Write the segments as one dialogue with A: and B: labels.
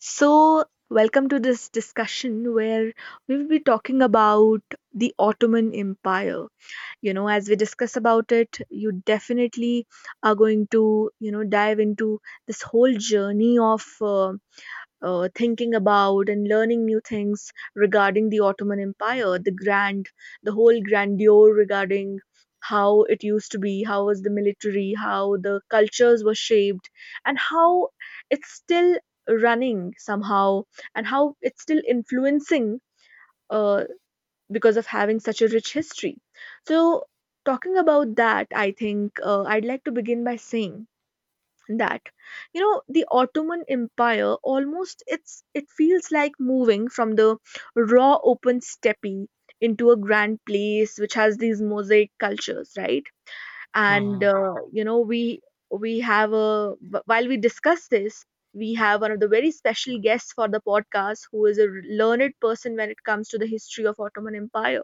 A: So, welcome to this discussion where we will be talking about the Ottoman Empire. You know, as we discuss about it, you definitely are going to, you know, dive into this whole journey of thinking about and learning new things regarding the Ottoman Empire, the grand, the whole grandeur regarding how it used to be, how was the military, how the cultures were shaped, and how it's still running somehow, and how it's still influencing uh, because of having such a rich history. So, talking about that, I think I'd like to begin by saying that you know the ottoman empire almost it feels like moving from the raw open steppe into a grand place which has these mosaic cultures, right? And
B: Mhm,
A: you know we have a while we discuss this, we have one of the very special guests for the podcast who is a learned person when it comes to the history of ottoman empire.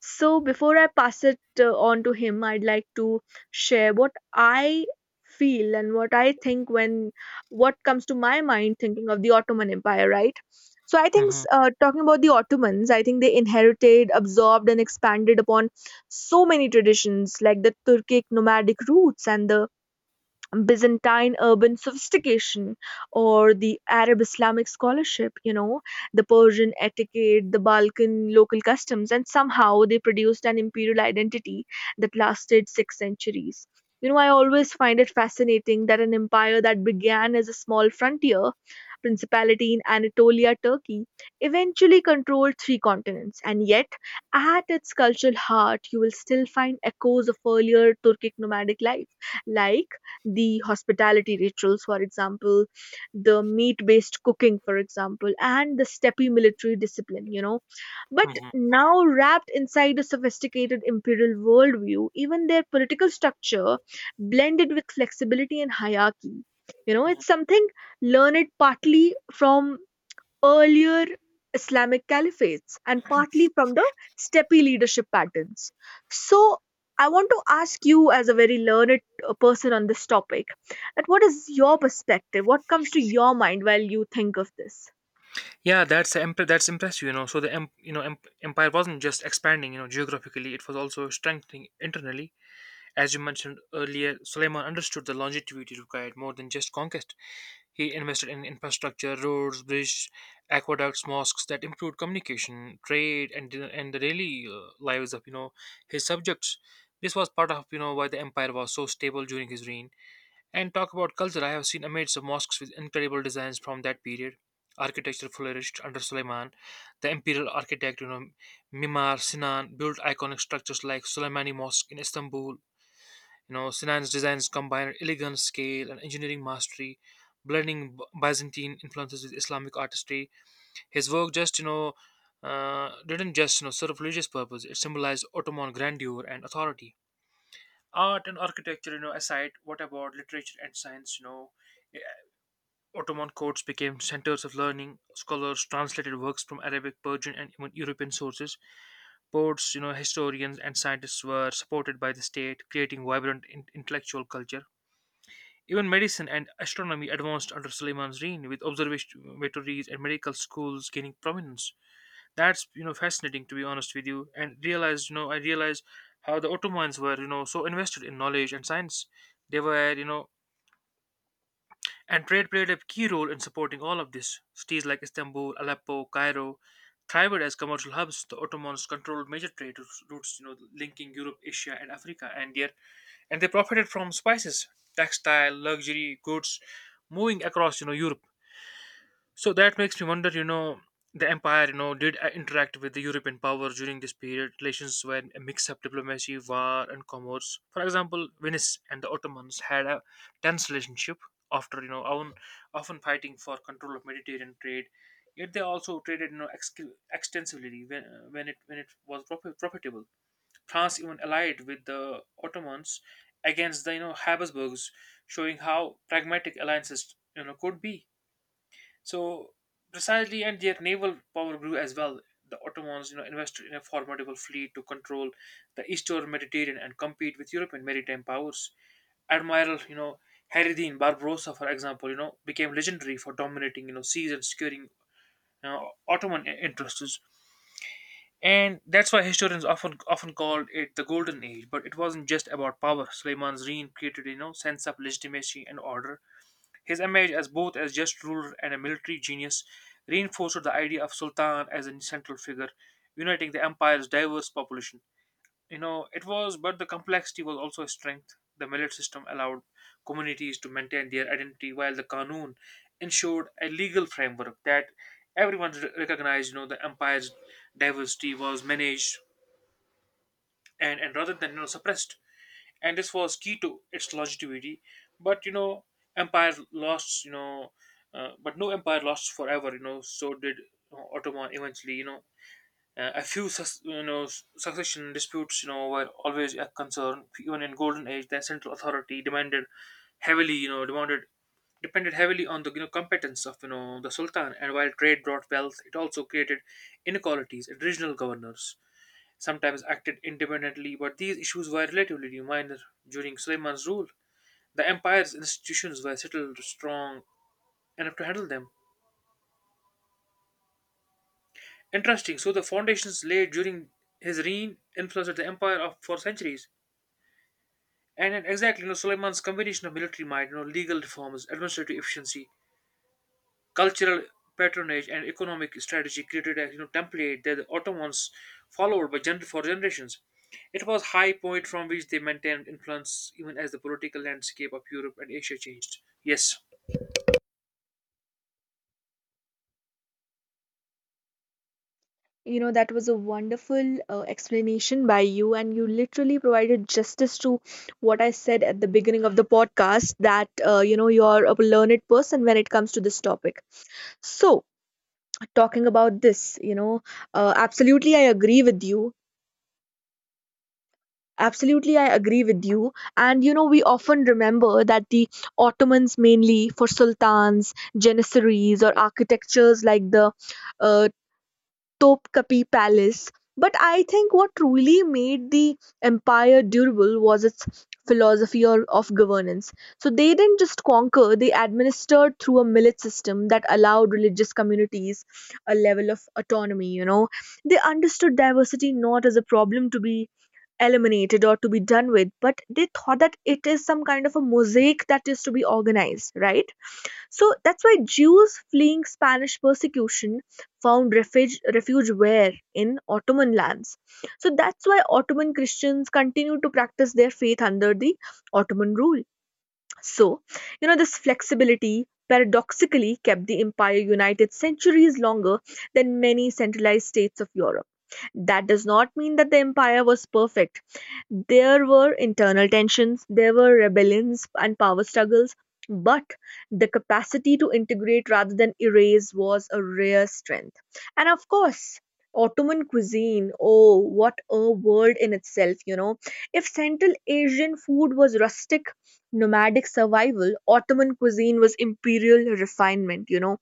A: So before I pass it on to him, I'd like to share what I feel and what I think when what comes to my mind thinking of the Ottoman Empire, right? So I think
B: mhm,
A: talking about the Ottomans, I think they inherited, absorbed, and expanded upon so many traditions like the Turkic nomadic roots and the Byzantine urban sophistication or the Arab Islamic scholarship, you know, the Persian etiquette, the Balkan local customs, and somehow they produced an imperial identity that lasted 6 centuries. You know, I always find it fascinating that an empire that began as a small frontier principality in Anatolia, Turkey, eventually controlled three continents, and yet at its cultural heart, you will still find echoes of earlier Turkic nomadic life like the hospitality rituals, for example, the meat based cooking, for example, and the steppy military discipline, you know. But
B: mhm,
A: now, wrapped inside a sophisticated imperial worldview, even their political structure blended with flexibility and hierarchy. You know,
B: mhm.
A: it's something learned partly from earlier Islamic caliphates and partly from the steppe leadership patterns. So, I want to ask you, as a very learned person on this topic, that what is your perspective? What comes to your mind while you think of this?
B: Yeah, that's impressive, you know. So the empire wasn't just expanding, geographically; it was also strengthening internally. As you mentioned earlier, Suleiman understood the longevity required more than just conquest. He invested in infrastructure, roads, bridges, aqueducts, mosques that improved communication, trade, and the daily lives of his subjects. This was part of why the empire was so stable during his reign. And talk about culture, I have seen images of mosques with incredible designs from that period. Architecture flourished under Suleiman. The imperial architect, Mimar Sinan, built iconic structures like Suleimani Mosque in Istanbul. You know, Sinan's designs combined elegant scale and engineering mastery, blending Byzantine influences with Islamic artistry. His work didn't just, serve religious purpose. It symbolized Ottoman grandeur and authority. Art and architecture, aside, what about literature and science, Ottoman courts became centers of learning. Scholars translated works from Arabic, Persian, and even European sources. Poets, historians, and scientists were supported by the state, creating vibrant intellectual culture. Even medicine and astronomy advanced under Suleiman's reign, with observatories and medical schools gaining prominence. That's fascinating, to be honest with you, and realized, you know I realized how the Ottomans were so invested in knowledge and science. They were you know and trade played a key role in supporting all of this. Cities like Istanbul, Aleppo, Cairo thrived as commercial hubs. The Ottomans controlled major trade routes, linking Europe, Asia, and Africa, and their and they profited from spices, textile, luxury goods moving across Europe. So that makes me wonder, the empire, did interact with the European powers during this period. Relations were a mix of diplomacy, war, and commerce. For example, Venice and the Ottomans had a tense relationship, after, you know, often, often fighting for control of Mediterranean trade. Yet they also traded, extensively when it was profitable. France even allied with the Ottomans against the Habsburgs, showing how pragmatic alliances, could be. So precisely, and their naval power grew as well. The Ottomans, invested in a formidable fleet to control the eastern Mediterranean and compete with European maritime powers. Admiral, Haridin Barbarossa, for example, became legendary for dominating, seas and securing, Ottoman interests. And that's why historians often called it the Golden Age. But it wasn't just about power. Suleiman's reign created, sense of legitimacy and order. His image as both as just ruler and a military genius reinforced the idea of Sultan as a central figure, uniting the empire's diverse population. But the complexity was also a strength. The millet system allowed communities to maintain their identity, while the Qanun ensured a legal framework that everyone recognized. You know, the empire's diversity was managed, and rather than suppressed, and this was key to its longevity. But you know empire lost you know but no empire lost forever, so did, ottoman eventually, a few succession disputes, were always a concern. Even in golden age, the central authority demanded heavily you know demanded depended heavily on the, competence of the sultan. And while trade brought wealth, it also created inequalities in regional governors, sometimes acted independently, but these issues were relatively minor during Suleiman's rule. The empire's institutions were settled strong enough to handle them. Interesting, so the foundations laid during his reign influenced the empire for centuries. And then exactly, Suleiman's combination of military might, legal reforms, administrative efficiency, cultural patronage, and economic strategy created a, template that the Ottomans followed by for generations. It was high point from which they maintained influence even as the political landscape of Europe and Asia changed. Yes.
A: You know, that was a wonderful explanation by you, and you literally provided justice to what I said at the beginning of the podcast that, you know, you're a learned person when it comes to this topic. So, talking about this, you know, absolutely I agree with you absolutely I agree with you and you know we often remember that the ottomans mainly for sultans janissaries or architectures like the uh, Topkapi Palace, but I think what truly made the empire durable was its philosophy of governance. So they didn't just conquer, they administered through a millet system that allowed religious communities a level of autonomy, you know. They understood diversity not as a problem to be eliminated or to be done with, but they thought that it is some kind of a mosaic that is to be organized, right? So that's why Jews fleeing Spanish persecution found refuge, refuge where? In Ottoman lands. So that's why Ottoman Christians continued to practice their faith under the Ottoman rule. So, you know, this flexibility paradoxically kept the empire united centuries longer than many centralized states of Europe. That does not mean that the empire was perfect. There were internal tensions, there were rebellions and power struggles, but the capacity to integrate rather than erase was a rare strength. And of course, Ottoman cuisine, oh, what a world in itself, you know. If Central Asian food was rustic, nomadic survival, Ottoman cuisine was imperial refinement, you know,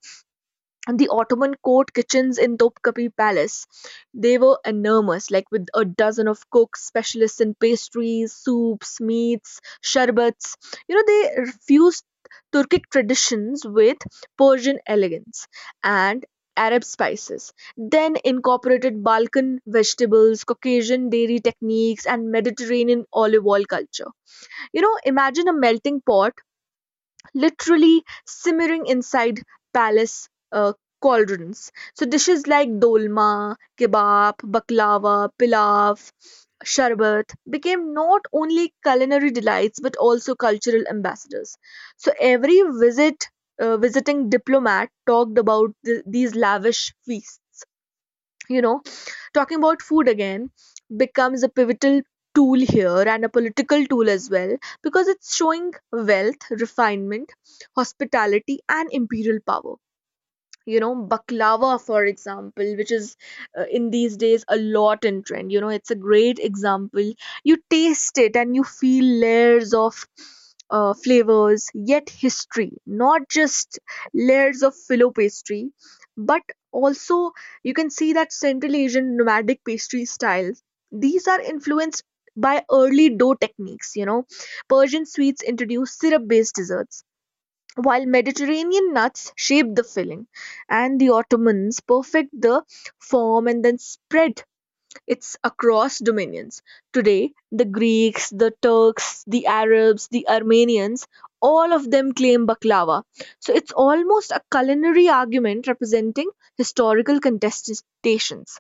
A: and the Ottoman court kitchens in Topkapi Palace. They were enormous, like with a dozen of cooks, specialists in pastries, soups, meats, sherbets. You know, they fused Turkic traditions with Persian elegance and Arab spices, then incorporated Balkan vegetables, Caucasian dairy techniques, and Mediterranean olive oil culture. You know, imagine a melting pot literally simmering inside palace cauldrons. So dishes like dolma, kebab, baklava, pilaf, sharbat became not only culinary delights but also cultural ambassadors. So every visiting diplomat talked about these lavish feasts. You know, talking about food again becomes a pivotal tool here and a political tool as well, because it's showing wealth, refinement, hospitality, and imperial power. You know, baklava for example, which is in these days a lot in trend, you know it's a great example. You taste it and you feel layers of flavors, yet history, not just layers of filo pastry but also you can see that central asian nomadic pastry styles, these are influenced by early dough techniques, you know, persian sweets introduced syrup based desserts, while Mediterranean nuts shape the filling, and the Ottomans perfect the form and then spread it's across dominions. Today, the Greeks, the Turks, the Arabs, the Armenians, all of them claim baklava. So it's almost a culinary argument representing historical contestations.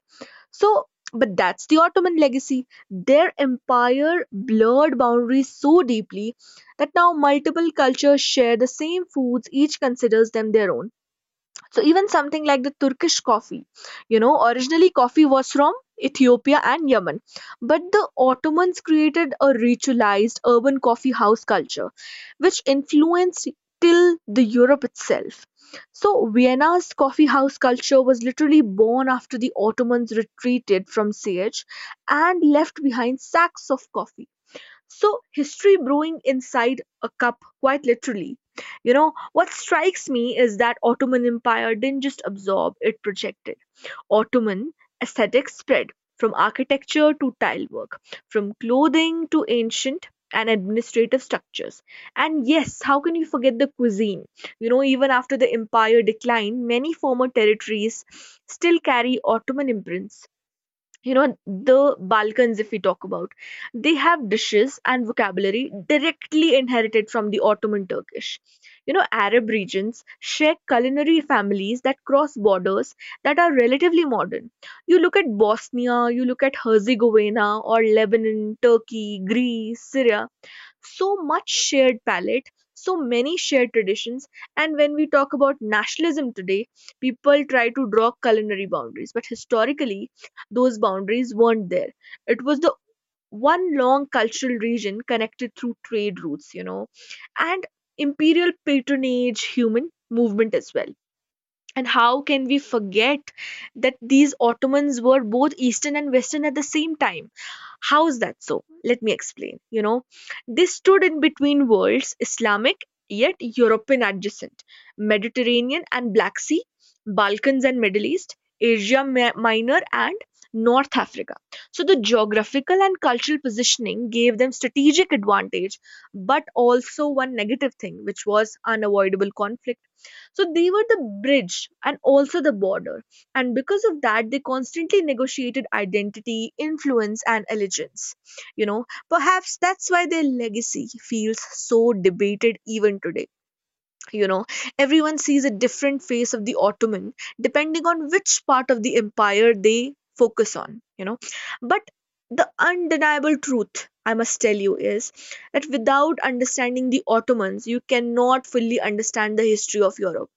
A: So, but that's the Ottoman legacy. Their empire blurred boundaries so deeply that now multiple cultures share the same foods, each considers them their own. So even something like the Turkish coffee, you know, originally coffee was from Ethiopia and Yemen, but the Ottomans created a ritualized urban coffee house culture, which influenced till the Europe itself. So Vienna's coffee house culture was literally born after the Ottomans retreated from Siege and left behind sacks of coffee. So, history brewing inside a cup, quite literally. You know, what strikes me is that Ottoman Empire didn't just absorb, it projected. Ottoman aesthetics spread from architecture to tile work, from clothing to ancient and administrative structures. And yes, how can you forget the cuisine? You know, even after the empire declined, many former territories still carry Ottoman imprints. You know, the balkans, if we talk about, they have dishes and vocabulary directly inherited from the ottoman turkish. You know, arab regions share culinary families that cross borders that are relatively modern. You look at bosnia, you look at herzegovina or lebanon, turkey, greece, syria. So much shared palette, so many shared traditions. And when we talk about nationalism today, people try to draw culinary boundaries, but historically, those boundaries weren't there. It was the one long cultural region connected through trade routes, you know, and imperial patronage, human movement as well. And how can we forget that these Ottomans were both Eastern and Western at the same time? How is that so? Let me explain. You know, they stood in between worlds, Islamic yet European adjacent, Mediterranean and Black Sea, Balkans and Middle East, Asia Minor and North Africa. So the geographical and cultural positioning gave them strategic advantage, but also one negative thing, which was unavoidable conflict, so they were the bridge and also the border. And because of that, they constantly negotiated identity, influence, and allegiance. You know, perhaps that's why their legacy feels so debated even today. You know, everyone sees a different face of the Ottoman depending on which part of the empire they focus on, you know. But the undeniable truth, I must tell you, is that without understanding the Ottomans, you cannot fully understand the history of Europe,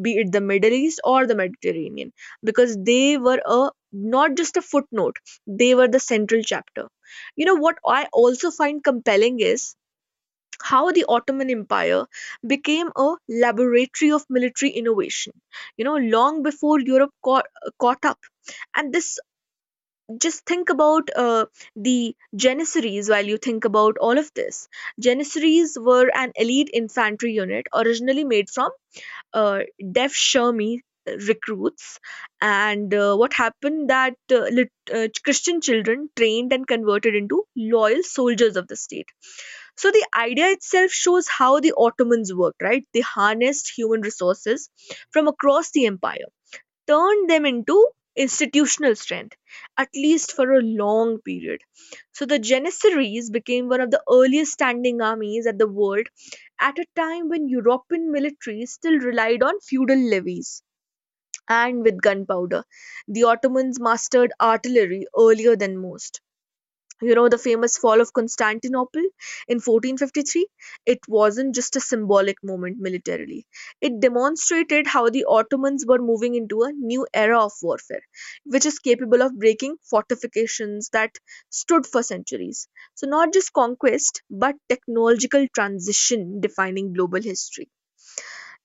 A: be it the Middle East or the Mediterranean, because they were a not just a footnote, they were the central chapter. You know what I also find compelling is how the Ottoman Empire became a laboratory of military innovation, you know, long before Europe caught up. And this, just think about the Janissaries while you think about all of this. Janissaries were an elite infantry unit originally made from uh, Def Shermie recruits, and what happened that christian children trained and converted into loyal soldiers of the state. So the idea itself shows how the ottomans worked, right? They harnessed human resources from across the empire, turned them into institutional strength, at least for a long period. So the Janissaries became one of the earliest standing armies at the world at a time when European militaries still relied on feudal levies and with gunpowder. The Ottomans mastered artillery earlier than most. You know, the famous fall of Constantinople in 1453, it wasn't just a symbolic moment militarily. It demonstrated how the Ottomans were moving into a new era of warfare, which is capable of breaking fortifications that stood for centuries. So, not just conquest, but technological transition defining global history.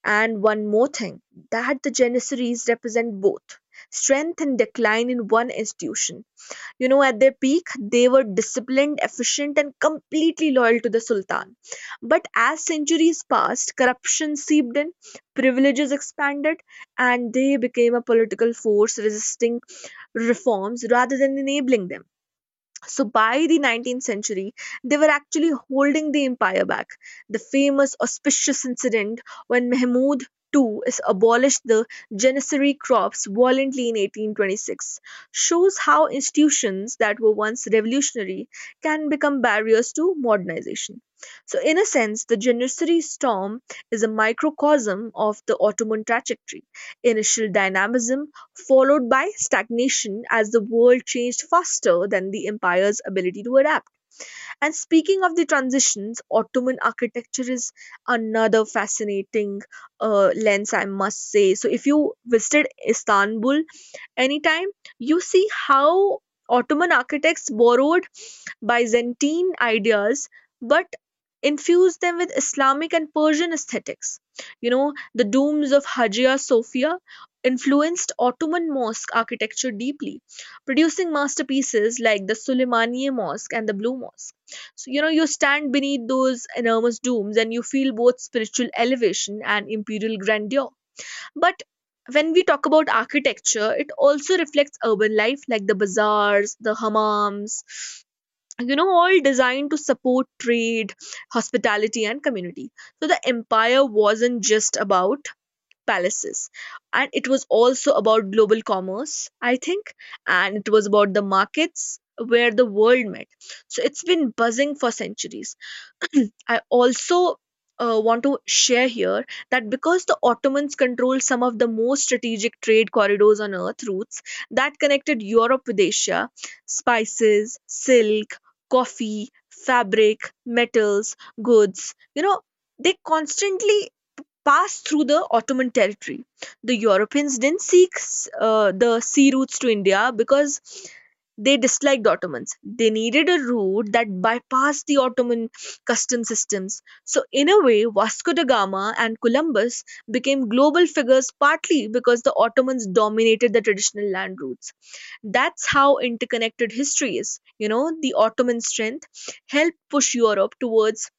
A: And one more thing, that the Janissaries represent both strength and decline in one institution. You know, at their peak, they were disciplined, efficient, and completely loyal to the Sultan. But as centuries passed, corruption seeped in, privileges expanded, and they became a political force resisting reforms rather than enabling them. So by the 19th century, they were actually holding the empire back. The famous auspicious incident when Mahmud II is abolished the Janissary crops violently in 1826 shows how institutions that were once revolutionary can become barriers to modernization. So, in a sense, the Janissary storm is a microcosm of the Ottoman trajectory. Initial dynamism followed by stagnation as the world changed faster than the empire's ability to adapt. And speaking of the transitions, Ottoman architecture is another fascinating lens, I must say. So, if you visited Istanbul anytime, you see how Ottoman architects borrowed Byzantine ideas but infused them with Islamic and Persian aesthetics. You know, the domes of Hagia Sophia influenced Ottoman mosque architecture deeply, producing masterpieces like the Suleymaniye Mosque and the Blue Mosque. So, you know, you stand beneath those enormous domes and you feel both spiritual elevation and imperial grandeur. But when we talk about architecture, it also reflects urban life like the bazaars, the hammams, you know, all designed to support trade, hospitality, and community. So the empire wasn't just about palaces, and it was also about global commerce, I think, and it was about the markets where the world met. So it's been buzzing for centuries. I also want to share here that because the Ottomans controlled some of the most strategic trade corridors on earth, routes that connected Europe with Asia, spices, silk, coffee, fabric, metals, goods, you know, they constantly passed through the Ottoman territory. The Europeans didn't seek the sea routes to India because they disliked the Ottomans. They needed a route that bypassed the Ottoman custom systems. So, in a way, Vasco da Gama and Columbus became global figures partly because the Ottomans dominated the traditional land routes. That's how interconnected history is. You know, the Ottoman strength helped push Europe towards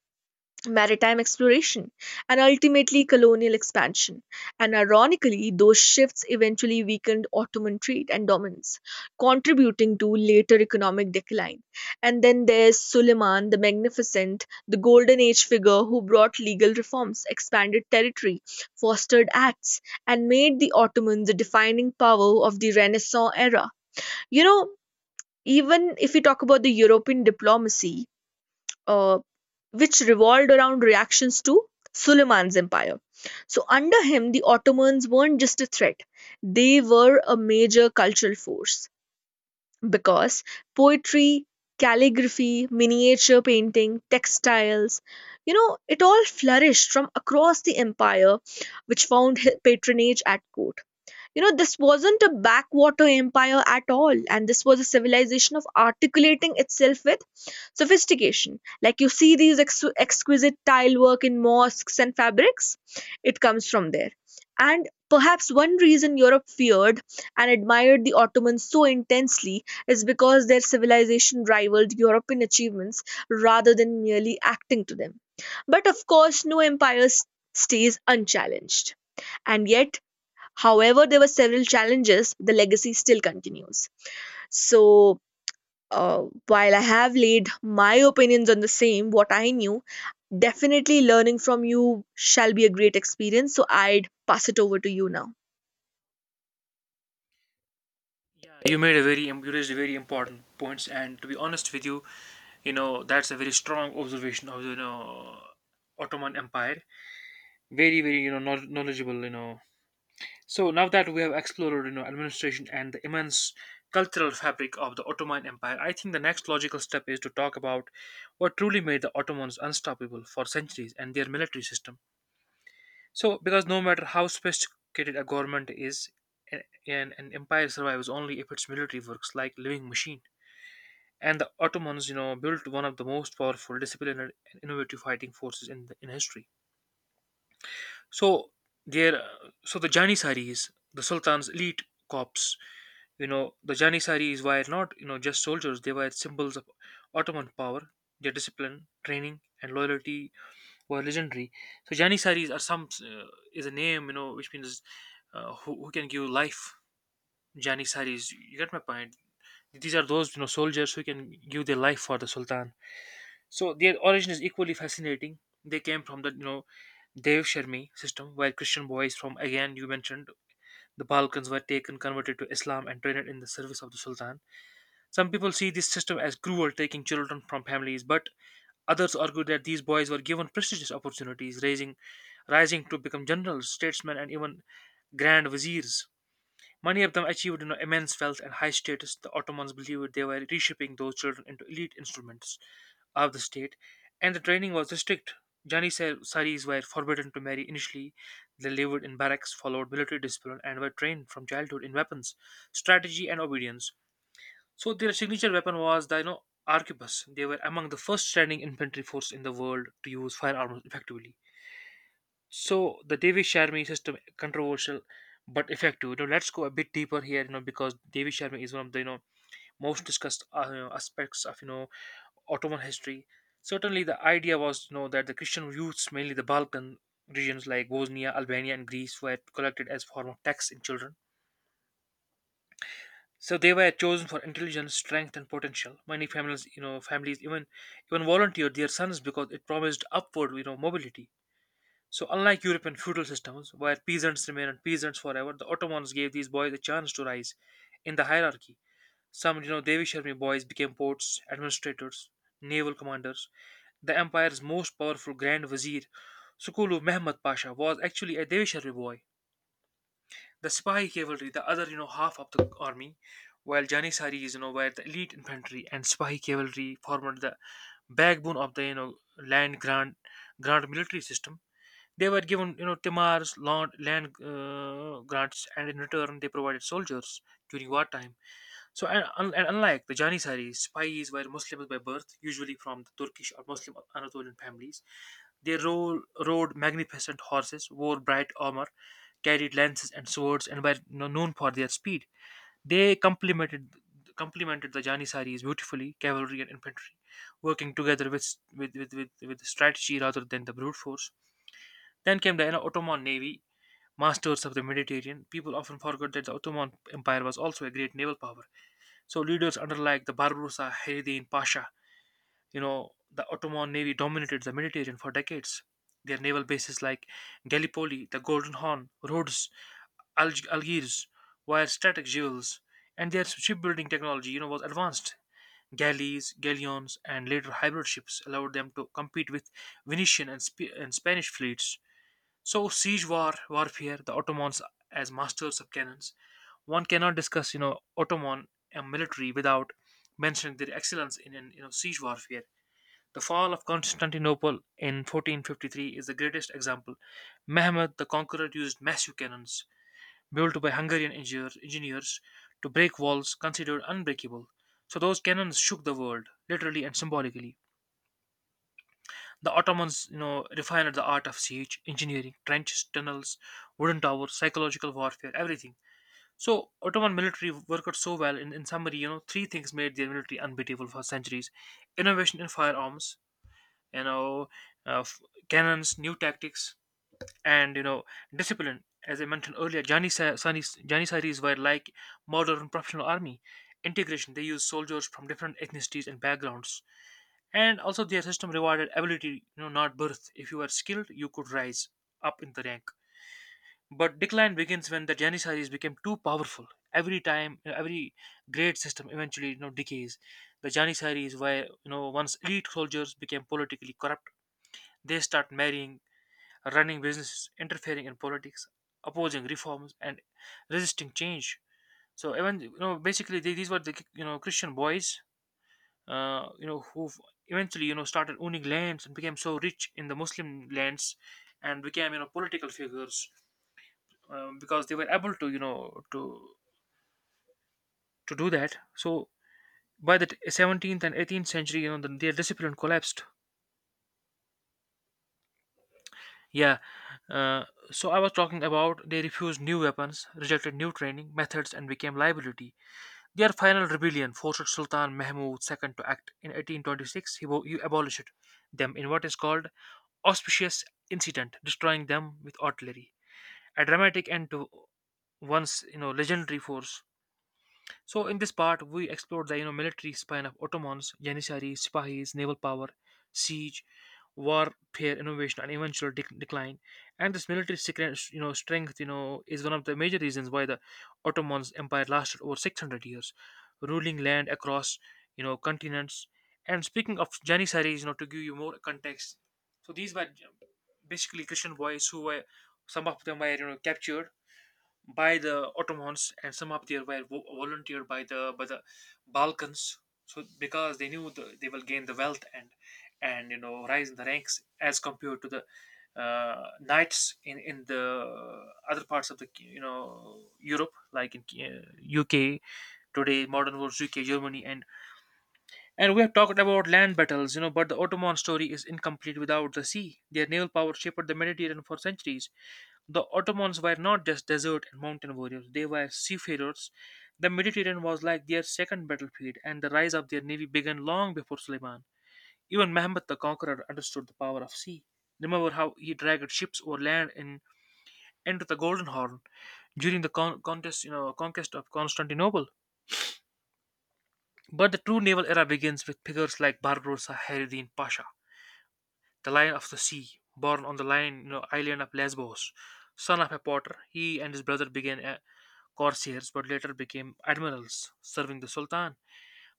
A: maritime exploration, and ultimately colonial expansion. And ironically, those shifts eventually weakened Ottoman trade and dominance, contributing to later economic decline. And then there's Suleiman the Magnificent, the Golden Age figure who brought legal reforms, expanded territory, fostered acts, and made the Ottomans the defining power of the Renaissance era. You know, even if we talk about the European diplomacy, uh, which revolved around reactions to Suleiman's empire. So, under him, the Ottomans weren't just a threat, they were a major cultural force because poetry, calligraphy, miniature painting, textiles, you know, it all flourished from across the empire, which found patronage at court. You know, this wasn't a backwater empire at all, and this was a civilization of articulating itself with sophistication. Like you see these exquisite tile work in mosques and fabrics, it comes from there. And perhaps one reason Europe feared and admired the Ottomans so intensely is because their civilization rivaled European achievements rather than merely acting to them. But of course, no empire stays unchallenged. And yet, however, there were several challenges, the legacy still continues. So, while I have laid my opinions on the same, what I knew, definitely learning from you shall be a great experience. So, I'd pass it over to you now.
B: Yeah, you raised a very important points, and to be honest with you, you know that's a very strong observation of, Ottoman Empire. Very very knowledgeable, you know. So now that we have explored, administration and the immense cultural fabric of the Ottoman Empire, I think the next logical step is to talk about what truly made the Ottomans unstoppable for centuries and their military system. So, because no matter how sophisticated a government is, an empire survives only if its military works like living machine. And the Ottomans, built one of the most powerful, disciplined, and innovative fighting forces in history. So there, so the Janissaries, the Sultan's elite corps, the Janissaries were not, just soldiers. They were symbols of Ottoman power. Their discipline, training, and loyalty were legendary. So Janissaries are some is a name, which means, who can give life. Janissaries, you get my point. These are those, soldiers who can give their life for the Sultan. So their origin is equally fascinating. They came from the, Dev Sharmi system, where Christian boys from, again you mentioned, the Balkans were taken, converted to Islam, and trained in the service of the Sultan. Some people see this system as cruel, taking children from families, but others argue that these boys were given prestigious opportunities, rising to become generals, statesmen, and even grand viziers. Many of them achieved, immense wealth and high status. The Ottomans believed they were reshaping those children into elite instruments of the state, and the training was strict. Janissaries were forbidden to marry initially. They lived in barracks, followed military discipline, and were trained from childhood in weapons, strategy, and obedience. So their signature weapon was the, arquebus. They were among the first standing infantry force in the world to use firearms effectively. So the Devi Sharma system, controversial but effective. You know, let's go a bit deeper here. You know, because Devi Sharma is one of the most discussed aspects of Ottoman history. Certainly, the idea was, that the Christian youths, mainly the Balkan regions like Bosnia, Albania, and Greece, were collected as form of tax in children. So they were chosen for intelligence, strength, and potential. Many families, even volunteered their sons because it promised upward, mobility. So, unlike European feudal systems, where peasants remained peasants forever, the Ottomans gave these boys a chance to rise in the hierarchy. Some, Devish army boys became ports, administrators, naval commanders. The empire's most powerful Grand Vizier, Sukulu Mehmed Pasha, was actually a Devish army boy. The Sipahi cavalry, the other, half of the army, while Janissaries, were the elite infantry, and Sipahi cavalry formed the backbone of the, grand military system. They were given, timars, land, land grants, and in return they provided soldiers during wartime. So, and, un- and unlike the Janissaries, spies were Muslims by birth, usually from the Turkish or Muslim Anatolian families. They rode magnificent horses, wore bright armor, carried lances and swords, and were known for their speed. They complemented the Janissaries beautifully, cavalry and infantry, working together with strategy rather than the brute force. Then came the, Ottoman navy, masters of the Mediterranean. People often forgot that the Ottoman Empire was also a great naval power. So leaders under like the Barbarossa, Hayreddin Pasha, the Ottoman navy dominated the Mediterranean for decades. Their naval bases like Gallipoli, the Golden Horn, Rhodes, Algiers were strategic jewels, and their shipbuilding technology, was advanced. Galleys, galleons, and later hybrid ships allowed them to compete with Venetian and, Spanish fleets. So siege war warfare, the Ottomans as masters of cannons. One cannot discuss, Ottoman military without mentioning their excellence in siege warfare. The fall of Constantinople in 1453 is the greatest example. Mehmed the Conqueror used massive cannons built by Hungarian engineers to break walls considered unbreakable. So those cannons shook the world, literally and symbolically. The Ottomans, refined the art of siege, engineering, trenches, tunnels, wooden towers, psychological warfare, everything. So Ottoman military worked out so well. In summary, three things made their military unbeatable for centuries: innovation in firearms, you know, uh, f- cannons, new tactics, and, discipline. As I mentioned earlier, Janissaries were like modern professional army. Integration. They used soldiers from different ethnicities and backgrounds, and also their system rewarded ability, not birth. If you were skilled, you could rise up in the rank. But decline begins when the Janissaries became too powerful. Every time every great system eventually decays. The Janissaries, were once elite soldiers, became politically corrupt. They start marrying, running businesses, interfering in politics, opposing reforms, and resisting change. So even, basically, these were the Christian boys, who eventually, started owning lands and became so rich in the Muslim lands, and became, political figures, because they were able to, to do that. So by the 17th and 18th century, their discipline collapsed. Yeah. Uh, so I was talking about, they refused new weapons, rejected new training methods, and became liability. Their final rebellion forced Sultan Mahmud II to act. In 1826, he abolished them in what is called auspicious incident, destroying them with artillery. A dramatic end to once legendary force. So in this part, we explored the military spine of Ottomans: Janissaries, Sipahis, naval power, siege, warfare, innovation, and eventual decline. And this military strength is one of the major reasons why the Ottomans Empire lasted over 600 years, ruling land across continents. And speaking of Janissaries, to give you more context, so these were basically Christian boys who were, some of them were captured by the Ottomans, and some of them were volunteered by the Balkans. So because they knew they will gain the wealth and and rise in the ranks as compared to the knights in the other parts of the Europe, like in UK today, modern world UK, Germany, and we have talked about land battles, but the Ottoman story is incomplete without the sea. Their naval power shaped the Mediterranean for centuries. The Ottomans were not just desert and mountain warriors, they were seafarers. The Mediterranean was like their second battlefield, and the rise of their navy began long before Suleiman. Even Mehmet the Conqueror understood the power of sea. Remember how he dragged ships over land into the Golden Horn during the conquest of Constantinople. But the true naval era begins with figures like Barbarossa Khaireddin Pasha, the Lion of the Sea, born on the lion, island of Lesbos, son of a potter. He and his brother began corsairs but later became admirals, serving the Sultan.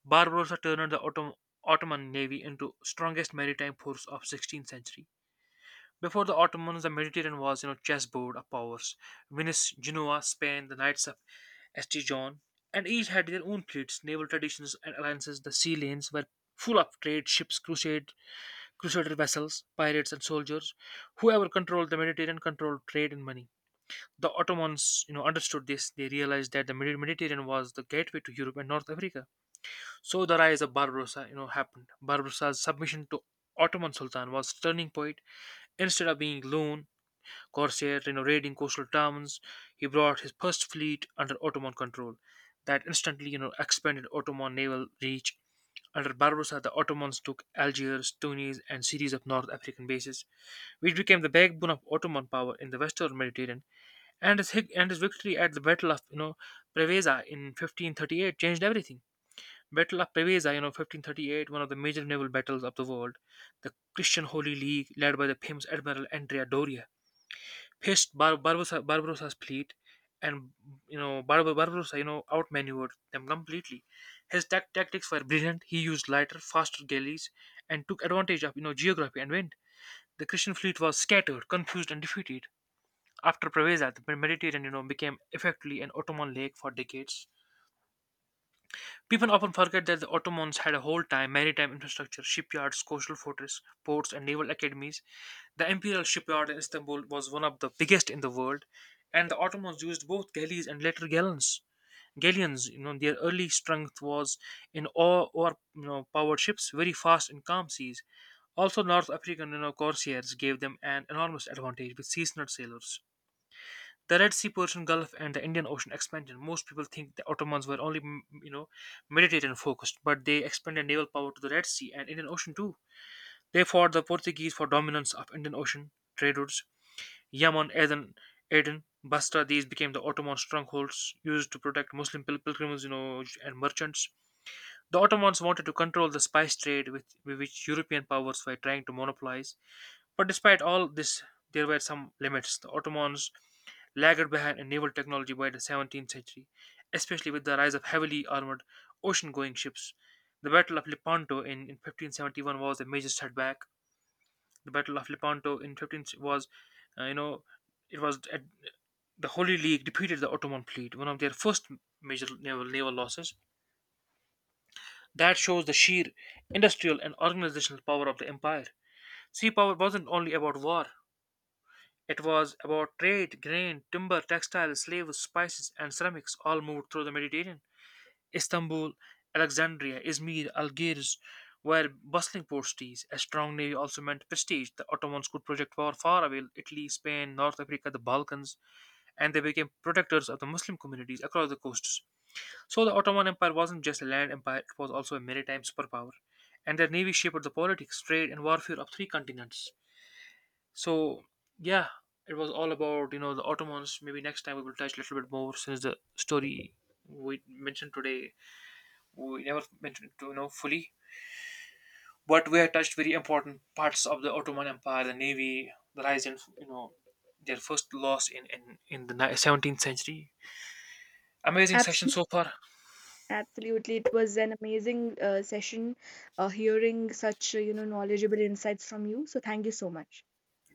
B: Barbarossa turned the Ottoman navy into strongest maritime force of 16th century. Before the Ottomans, the Mediterranean was, chessboard of powers. Venice, Genoa, Spain, the Knights of Estijon, and each had their own fleets, naval traditions, and alliances. The sea lanes were full of trade ships, Crusader vessels, pirates, and soldiers. Whoever controlled the Mediterranean controlled trade and money. The Ottomans, understood this. They realized that the Mediterranean was the gateway to Europe and North Africa. So the rise of Barbarossa, happened. Barbarossa's submission to Ottoman Sultan was turning point. Instead of being loan corsair, raiding coastal towns. He brought his first fleet under Ottoman control. That instantly, expanded Ottoman naval reach. Under Barbarossa, the Ottomans took Algiers, Tunis, and series of North African bases, which became the backbone of Ottoman power in the Western Mediterranean. And his victory at the Battle of, Preveza in 1538 changed everything. Battle of Preveza, 1538, one of the major naval battles of the world. The Christian Holy League, led by the famous Admiral Andrea Doria, faced Barbarossa's fleet, and Barbarossa, outmaneuvered them completely. His tactics were brilliant. He used lighter, faster galleys, and took advantage of geography and wind. The Christian fleet was scattered, confused, and defeated. After Preveza, the Mediterranean, became effectively an Ottoman lake for decades. People often forget that the Ottomans had a whole time maritime infrastructure: shipyards, coastal fortresses, ports, and naval academies. The imperial shipyard in Istanbul was one of the biggest in the world, and the Ottomans used both galleys and later gallons. Galleons, their early strength was in oar or powered ships, very fast in calm seas. Also, North African, corsairs gave them an enormous advantage with seasonal sailors. The Red Sea, Persian Gulf, and the Indian Ocean expansion. Most people think the Ottomans were only, Mediterranean focused, but they expanded naval power to the Red Sea and Indian Ocean too. They fought the Portuguese for dominance of Indian Ocean trade routes. Yemen, Aden, Aden, Basra. These became the Ottoman strongholds used to protect Muslim pilgrims, and merchants. The Ottomans wanted to control the spice trade, with which European powers were trying to monopolize. But despite all this, there were some limits. The Ottomans lagged behind in naval technology by the 17th century, especially with the rise of heavily armored ocean going ships. The Battle of Lepanto in 1571 was a major setback. The Battle of Lepanto in 15 was, uh, you know, it was at the Holy League defeated the Ottoman fleet, one of their first major naval losses. That shows the sheer industrial and organizational power of the empire. Sea power wasn't only about war, it was about trade, grain, timber, textiles, slaves, spices, and ceramics all moved through the Mediterranean. Istanbul, Alexandria, Izmir, Algiers were bustling port cities. A strong navy also meant prestige. The Ottomans could project power far away: Italy, Spain, North Africa, the Balkans, and they became protectors of the Muslim communities across the coasts. So the Ottoman Empire wasn't just a land empire, it was also a maritime superpower. And their navy shaped the politics, trade, and warfare of three continents. So, yeah, it was all about, the Ottomans. Maybe next time we will touch a little bit more, since the story we mentioned today we never mentioned to fully, but we have touched very important parts of the Ottoman Empire: the navy, the rise in their first loss in the 17th century. Amazing session
A: Absolutely,
B: so far.
A: absolutely. It was an amazing session, hearing such you know, knowledgeable insights from you. So thank you so much.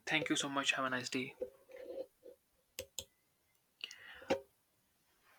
B: Thank you so much. Have a nice day.